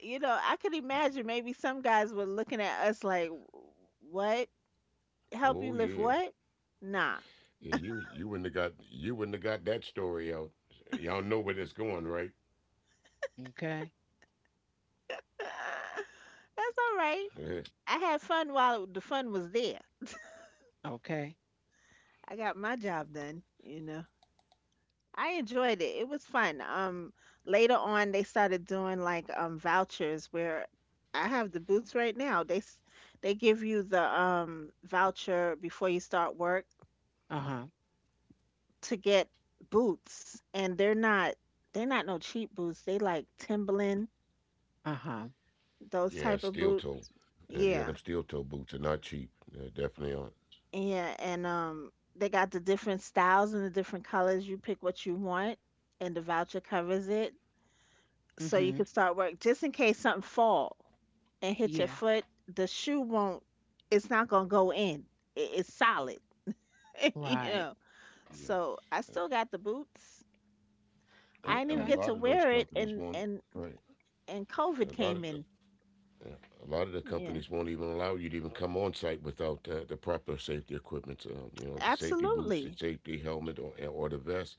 you know, I could imagine maybe some guys were looking at us like, "What? Help you Oh lift yeah. what? Nah, Yeah, you wouldn't have got that story out. Y'all know where that's going, right? Okay. that's all right. Eh, I had fun while the fun was there. Okay. I got my job done. You know." I enjoyed it. It was fun. Later on, they started doing like vouchers where I have the boots right now. They give you the voucher before you start work Uh-huh. to get boots, and they're not no cheap boots. They like Timberland, Uh-huh. those Yeah, type of steel boot. toe. Yeah, them Yeah, steel toe boots are not cheap. They definitely aren't. yeah, and they got the different styles and the different colors. You pick what you want, and the voucher covers it. So you Mm-hmm. can start work just in case something fall and hit your Yeah. foot, the shoe won't, it's not gonna go in, it's solid. you Right. know Yeah. so I still got the boots. I And, didn't and even Okay. a get to lot of those wear it, companies and won't. and Right. and COVID A lot of came in. Yeah. A lot of the Yeah, companies won't even allow you to even come on site without the proper safety equipment. The safety boots, the absolutely. safety helmet, or the vest.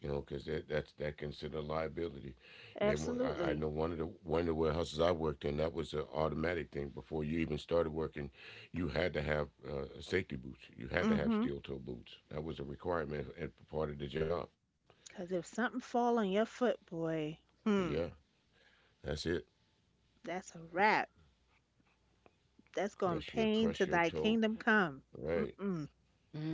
You know, because that that's that considered liability. I Absolutely. know one of the warehouses I worked in that was an automatic thing. Before you even started working, you had to have safety boots. You had to have Hmm. steel toe boots. That was a requirement and part of the job. Because if something fall on your foot, boy. Yeah, Hmm. that's it. That's a wrap. That's going Crush your pain crush to your thy toe. kingdom come. Right. Mm-mm.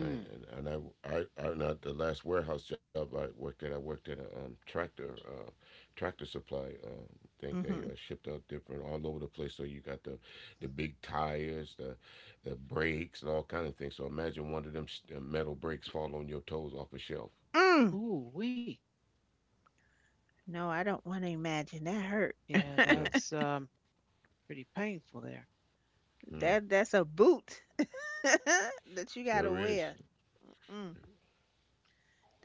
I, and I, I, Not the last warehouse job I worked at. I worked at a tractor supply. Think they Mm-hmm. shipped out different all over the place. So you got the big tires, the brakes, and all kind of things. So imagine one of them metal brakes fall on your toes off a shelf. Mm. Ooh, wee. No, I don't want to imagine that. Yeah, Yeah, that's pretty painful there. yeah, That's a boot that you gotta sure is. wear. Mm-mm.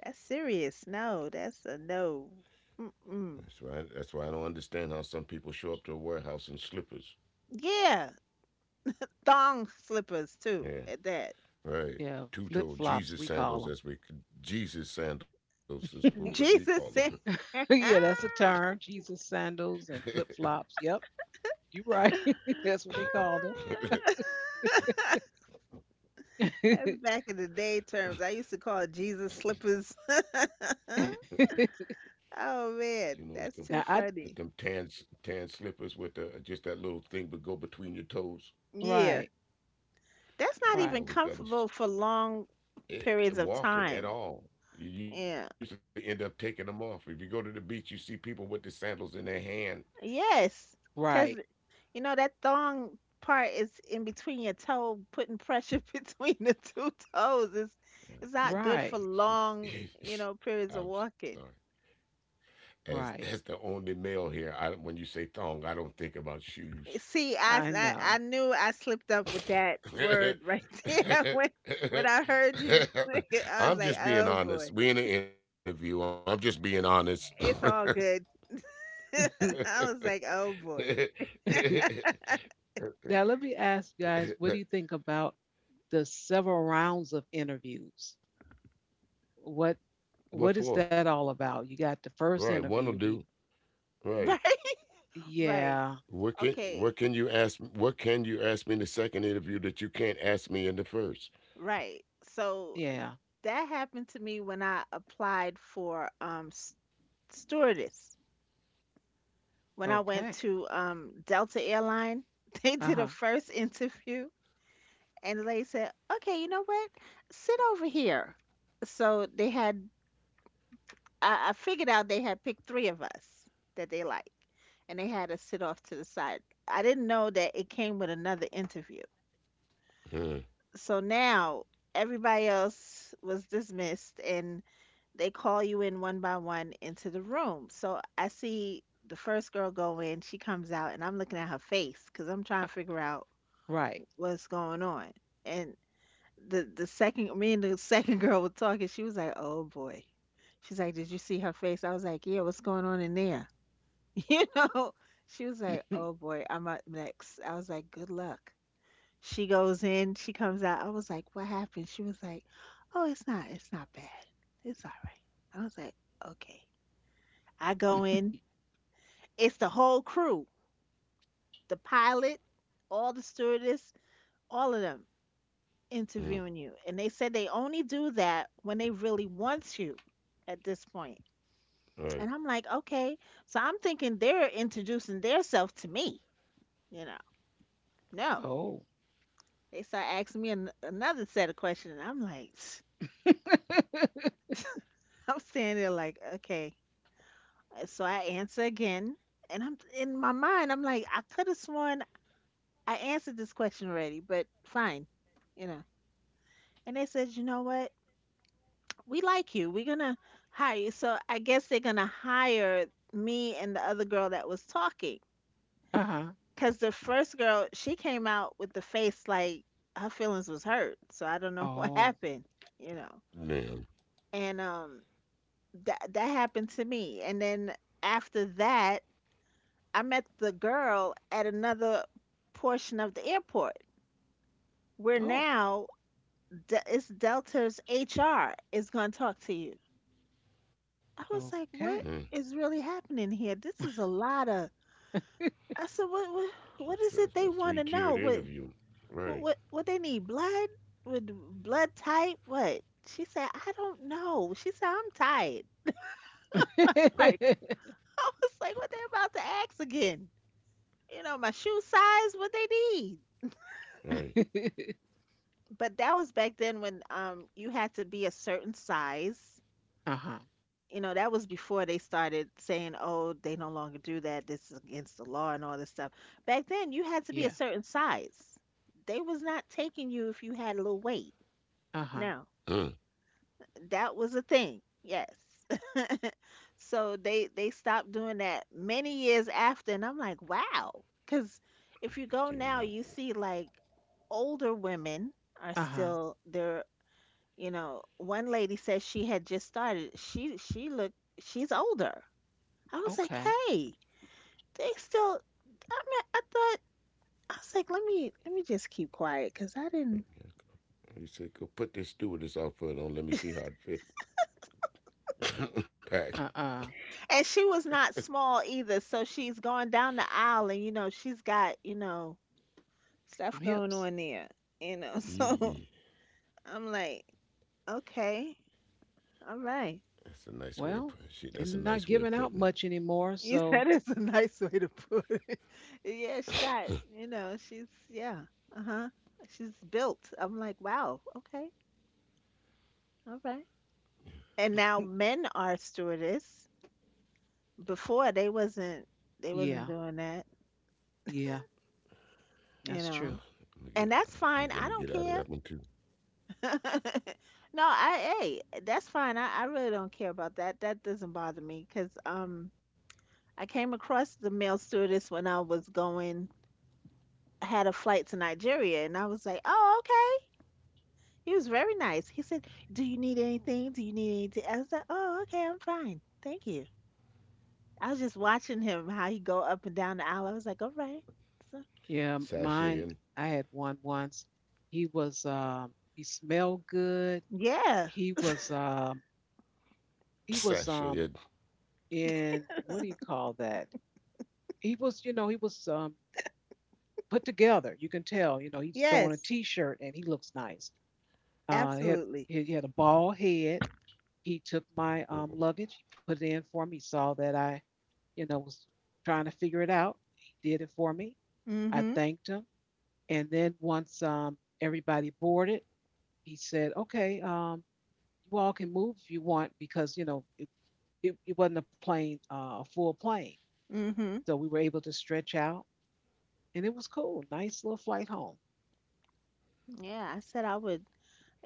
That's serious. No, that's a no. Mm-mm. That's why. That's why I don't understand how some people show up to a warehouse in slippers. Yeah, thong slippers too. Yeah, At that, right. Yeah, flip Two-toed flops, Jesus we sandals, call as we Jesus sandals is what we call them. Jesus said. them. Yeah, that's a term. Jesus sandals and flip flops. Yep. You're right. That's what they call That's them. back in the day terms. I used to call it Jesus slippers. Oh You know, it's man, them that's too Now it's I them funny. tan slippers with just that little thing, but go between your toes. Yeah, right, that's not You even right, always gotta comfortable for long periods of walking at time. all. You usually Yeah. end up taking them off. If you go to the beach, you see people with the sandals in their hand. Yes, because right, you know that thong part is in between your toe, putting pressure between the two toes. Yeah. It's not good for right, she, long, you know, periods of I'm sorry. walking. As that's the right. only male here. I don't- When you say thong, I don't think about shoes. Eh, see, I, I I I know. knew I slipped up with that word right there when I heard you say it. I I'm was like, just being oh honest. boy, We in an interview. I'm just being honest. it's all good. I was like, oh boy, Now let me ask you guys, what do you think about the several rounds of interviews? What What what for? is that all about? You got the first Right, one'll interview. The, do. right, Right. right, yeah, What can okay, what can you ask? What can you ask me in the second interview that you can't ask me in the first? right. So yeah. that happened to me when I applied for stewardess when I went Okay. to Delta Airline. They did a Uh-huh. first interview, and the lady said, "Okay, you know what? Sit over here." So they had. I figured out they had picked three of us that they liked, and they had us sit off to the side. I didn't know that it came with another interview. Huh, So now everybody else was dismissed, and they call you in one by one into the room. So I see the first girl go in, she comes out, and I'm looking at her face because I'm Uh, trying to figure out right. what's going on. And the second, me and the second girl were talking. She was like, "Oh boy," she's like, "Did you see her face?" I was like, "Yeah, what's going on in there?" You know. She was like, "Oh boy, I'm up next." I was like, "Good luck." She goes in, she comes out. I was like, "What happened?" She was like, "Oh, it's not bad. It's all right." I was like, "Okay." I go in. It's the whole crew, the pilot, all the stewardess, all of them huh, interviewing you. And they said they only do that when they really want you at this point. And I'm right. like, okay. So I'm thinking they're introducing theirself to me, you know. No. Oh. They start asking me another set of questions. And I'm like, I'm standing there like, okay, so I answer again, and I'm in my mind, I'm like, I could have sworn I answered this question already, but fine, you know. And they said, you know what? We like you. We're gonna hire you. So I guess they're gonna hire me and the other girl that was talking. Uh-huh. Cause the first girl, she came out with the face like her feelings was hurt. So I don't know what Oh. happened, you know. Damn. And That that happened to me. And then after that I met the girl at another portion of the airport where Oh. now it's Delta's HR is going to talk to you. I was like, what Okay. Huh. is really happening here? This is a lot of. I said, what Just, is it just a they three want to tiered know? Interview. Right. What they need? Blood? With blood type? What? She said, I don't know. She said, I'm tired. Like I was like, what they about to ask again? You know, my shoe size? What they need? Right. But that was back then when you had to be a certain size. Uh-huh. You know, that was before they started saying, "Oh, they no longer do that. This is against the law and all this stuff." Back then, you had to be a Yeah. certain size. They was not taking you if you had a little weight. Uh-huh. No, Huh. that was a thing. Yes. So they stopped doing that many years after, and I'm like, wow, because You if you see, I'm go not. now, you see like older women are Uh-huh. still they're. You know, one lady says she had just started. She looked she's older. I was like, Okay. "Hey, they still I mean, I thought I was like, "Let me just keep quiet because I didn't." He said, "Go put this stewardess outfit on. Let me see how it fit." Pack. Uh-uh. And she was not small either, so she's going down the aisle and you know, she's got, you know, stuff Some going on hips. there, you know. So Yee. I'm like, "Okay. All That's right." a nice way of putting. Shit, that's Well, a nice way they're of not putting it. giving out much anymore, You so said it's a nice way to put it. Yeah, she got, you know, she's, yeah, uh-huh. She's built. I'm like, wow, okay, all right. And now men are stewardess. Before they wasn't yeah. doing that, Yeah. you That's know. true. I'm gonna get. And uh, that's I'm gonna, I'm fine. gonna I get out don't of that one care. too. No, I, hey, that's fine. I really don't care about that. That doesn't bother me because I came across the male stewardess when I was going, I had a flight to Nigeria, and I was like, oh, okay. He was very nice. He said, "Do you need anything? Do you need anything?" I was like, "Oh, okay, I'm fine, thank you." I was just watching him how he go up and down the aisle. I was like, "All right, so, Yeah, Sashay and mine, I had one once. He was he smelled good. yeah, He was um he was sashay and. um in what do you call that? He was, you know, he was put together. You can tell, you know, he's throwing a yes, t-shirt and he looks nice. He had absolutely." he had a bald head. He took my luggage, he put it in for me. He saw that I, you know, was trying to figure it out. He did it for me. I Mhm, thanked him. And then once everybody boarded, he said, "Okay, you all can move if you want because you know it wasn't a plane, a full plane, mhm. so we were able to stretch out, and it was cool. Nice little flight home." Yeah, I said I would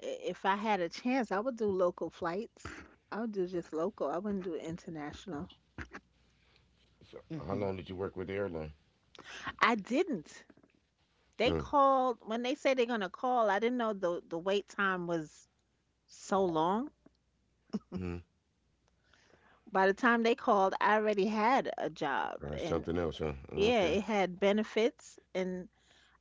if I had a chance. I would do local flights. I would do just local. I wouldn't do international. So how Hmm. long did you work with the airline? I didn't. They Uh, called when they say they're gonna call. I didn't know the wait time was so long. mm, By the time they called, I already had a job right, and something else, huh? yeah, Okay, it had benefits and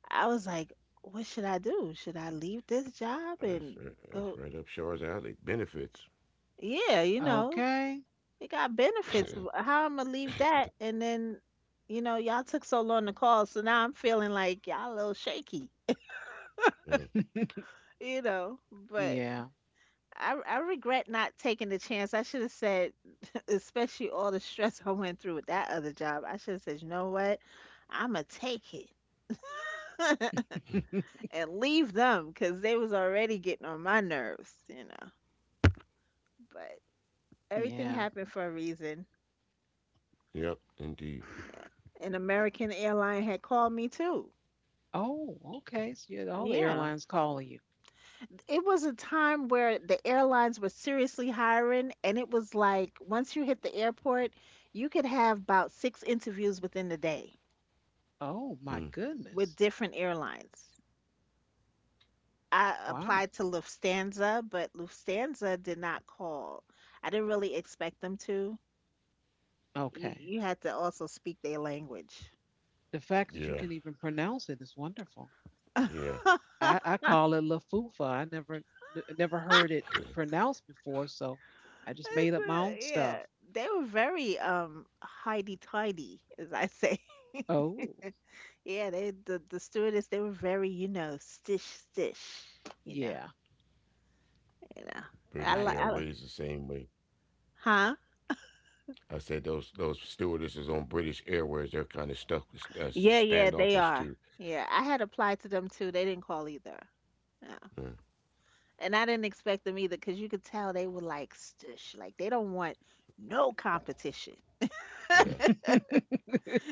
I was like, what should I do? Should I leave this job that's and uh, go? that's right up Shaw's alley. Benefits. Yeah, you know, Okay. it got benefits. How am I gonna leave that? And then, y'all took so long to call, so now I'm feeling like y'all a little shaky, Mm, but Yeah. I regret not taking the chance. I should have said, especially all the stress I went through with that other job. I should have said, you know what? I'm gonna take it. and leave them because they was already getting on my nerves. But everything Yeah. happened for a reason. yep, indeed. An American airline had called me too. Oh, okay. So you had all the Yeah. airlines calling you. It was a time where the airlines were seriously hiring, and it was like once you hit the airport, you could have about six interviews within the day Oh my Mm, goodness. with different airlines. I Wow. applied to Lufthansa, but Lufthansa did not call. I didn't really expect them to. you Okay. you had to also speak their language. The fact that you can yeah, even pronounce it is wonderful. yeah. I call it Lafufa. I never heard it pronounced before, so I just made It's, up my own yeah, stuff. they were very hidey tidy, as I say. Oh, Yeah, the stewardess, they were very stish stish, you know yeah, you know. I, British I li- could. I li- Airways the same way. huh? I said those stewardesses on British Airways, they're kind of stuck, Yeah, yeah, they standoffish are. too. Yeah, I had applied to them too. They didn't call either. No. Mm, And I didn't expect them either because you could tell they were like stush. Like they don't want no competition. yeah.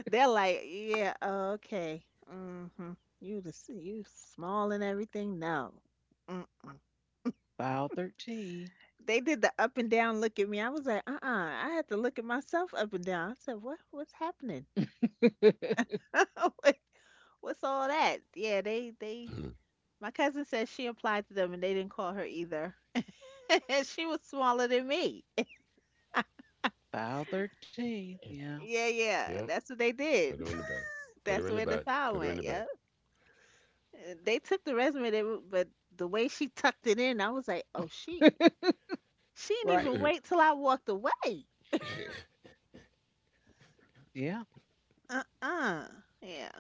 They're like, yeah, okay. Mm-hmm. You small and everything. No. Mm-mm. File 13. They did the up and down look at me. I was like, uh-uh. I had to look at myself up and down. I said, what's happening? What- What's all that? Yeah, they Mm. my cousin said she applied to them and they didn't call her either. And she was smaller than me. File 13. Yeah. Yeah, yeah. Yeah, That's what they did. put her in the back. Put her That's in the where the back. file Put her in went. the Yeah. back. And they took the resume, they, w- but the way she tucked it in, I was like, oh, she. She didn't Right. even wait till I walked away. Yeah. Uh-uh. Yeah.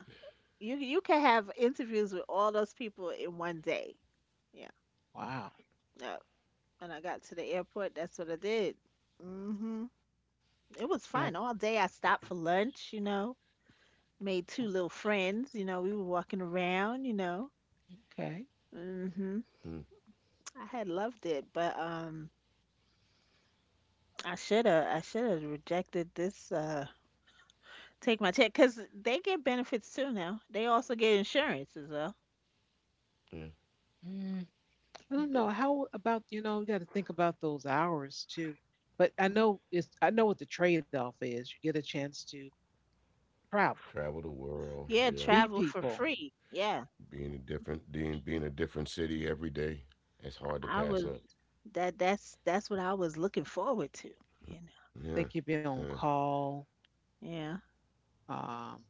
You can have interviews with all those people in one day. Yeah. Wow. No. When I got to the airport, that's what I did. Mhm. It was Yeah. fun. All day I stopped for lunch, you know. Made two little friends, you know. We were walking around, you know. Okay. Mhm. Mm, I had loved it, but I should have rejected this, take my check cuz they get benefits too now. They also get insurance as well. yeah. Mm, I don't know. How about, you know, you got to think about those hours too. But I know it's I know what the trade-off is. You get a chance to travel, Travel the world, Yeah, yeah. meet travel for people. free. Yeah, Being a different city every day, it's hard to I pass was up. that. That's what I was looking forward to. You Yeah, Think you'd yeah, be on call. know. Yeah. Um,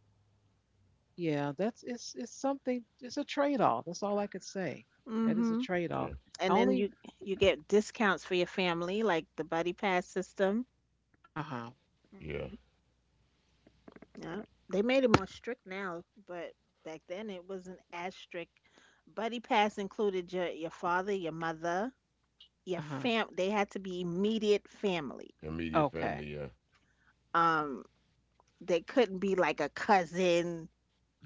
yeah, that's it's something. It's a trade off. That's all I could say. That is a Mhm. trade yeah, off. I And then only you get discounts for your family, like the buddy pass system. uh huh yeah. Mhm. Yeah. They made it more strict now, but back then it wasn't as strict. Buddy pass included your father, your mother, your uh huh fam. They had to be immediate family. Immediate okay. family, yeah. Um, they couldn't be like a cousin.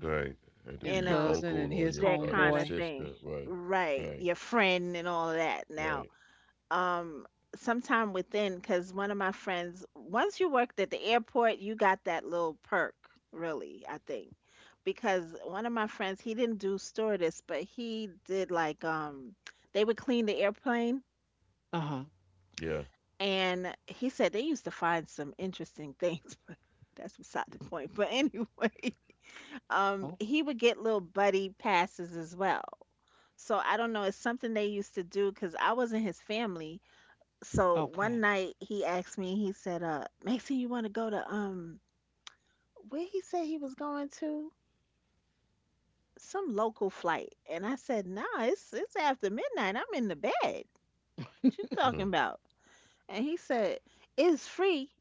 Right, and to Your be You your know, cousin and uncle or his your that uh, your kind of homeboy. thing, sister, right, right, right, your friend and all of that now. right. Um, sometime within, because one of my friends, once you worked at the airport, you got that little perk, really, I think, because one of my friends, he didn't do stewardess, but he did like, they would clean the airplane, Uh huh. Yeah, and he said they used to find some interesting things, but that's beside the point. But anyway, Oh he would get little buddy passes as well. So I don't know, it's something they used to do because I wasn't his family. So one okay. night he asked me, he said, Maxine, you want to go to where he said he was going to? Some local flight. And I said, nah, it's after midnight. I'm in the bed. What you mm, talking about? And he said, it's free.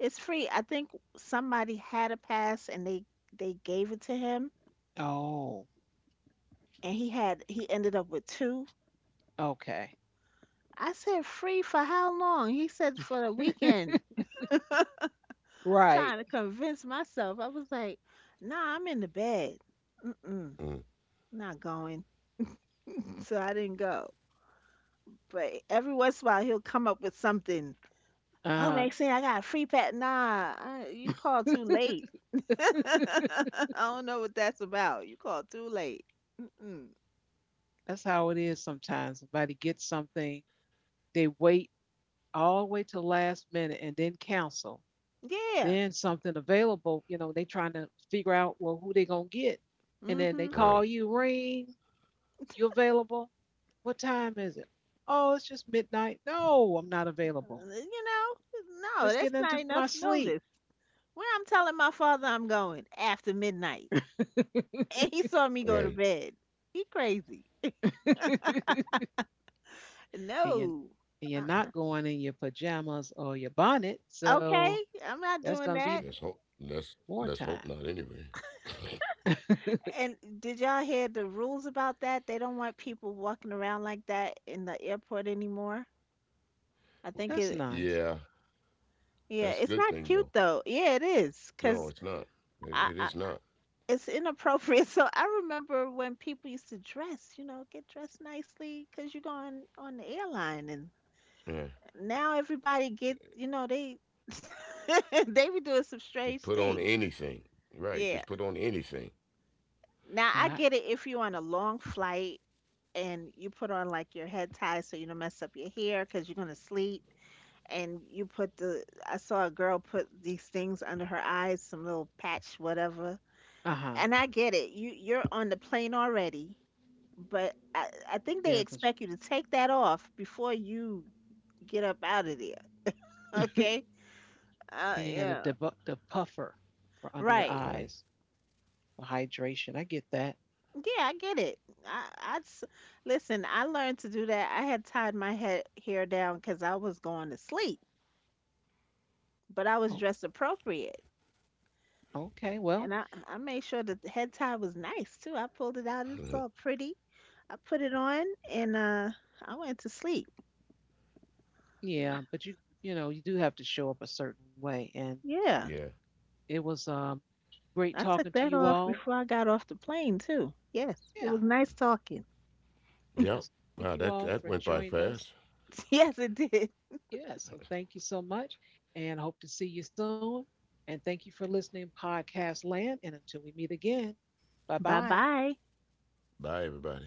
It's free. I think somebody had a pass and they gave it to him, Oh and he ended up with two. okay. I said, free for how long? He said, for the weekend. Right. Trying to convince myself, I was like, nah, I'm in the bed. Mm-mm, mm, not going. So I didn't go. But every once in a while, he'll come up with something. Uh Oh, huh. Maxine, I got a free pet. Nah, I, you called too late. I don't know what that's about. You called too late. Mm-mm. That's how it is sometimes. Somebody gets something, they wait all the way to the last minute and then cancel. Yeah. Then something available, you know, they trying to figure out well who they gonna get, and then they Mm-hmm. call right, you, ring, you available? What time is it? Oh, it's just midnight. No, I'm not available. You know, no, Just that's getting not into my enough sleep, notice. When I'm telling my father I'm going after midnight and he saw me go right. to bed. He crazy. and you are No. and you're Uh, not going in your pajamas or your bonnet, so Okay, I'm not that's doing gonna Let's that. be hope. Let's more hope time. not. Anyway, And did y'all hear the rules about that? They don't want people walking around like that in the airport anymore. I well, think it, That's nice. yeah, yeah, that's a it's good not thing cute though. though. Yeah, it is, No, 'cause it's not. It I is not. it's inappropriate. So I remember when people used to dress, you know, get dressed nicely 'cause you're going on the airline, and Yeah, now everybody get, you know, they they be doing just some put on strange things. anything. Right, just put on Yeah, anything. now I Uh get it if you're on a long flight and you put on like your head tie so you don't mess up your hair because you're gonna sleep, and you put the, I saw a girl put these things under her eyes, some little patch, whatever. huh. And I get it. You're on the plane already, but I think they Yeah, cause expect you to take that off before you get up out of there. Okay? Uh yeah, yeah. The puffer for under your All Right. right. eyes for hydration. I get that. Yeah, I get it. I, I s- Listen. I learned to do that. I had tied my head hair down because I was going to sleep, but I Oh. was dressed appropriate, Okay, well, and I made sure that the head tie was nice too. I pulled it out; it was Mhm. all pretty. I put it on, and I went to sleep. yeah, but you know, you do have to show up a certain way and Yeah, Yeah. it was great I took talking to that you off all. before I got off the plane too. Yes, it Yeah. was nice talking. Yep. Yes. Thank Wow, you that all that for went by joining us. fast. Yes, it did. Yeah, so thank you so much and hope to see you soon. And thank you for listening podcast land and until we meet again. Bye Bye-bye. bye. Bye, everybody.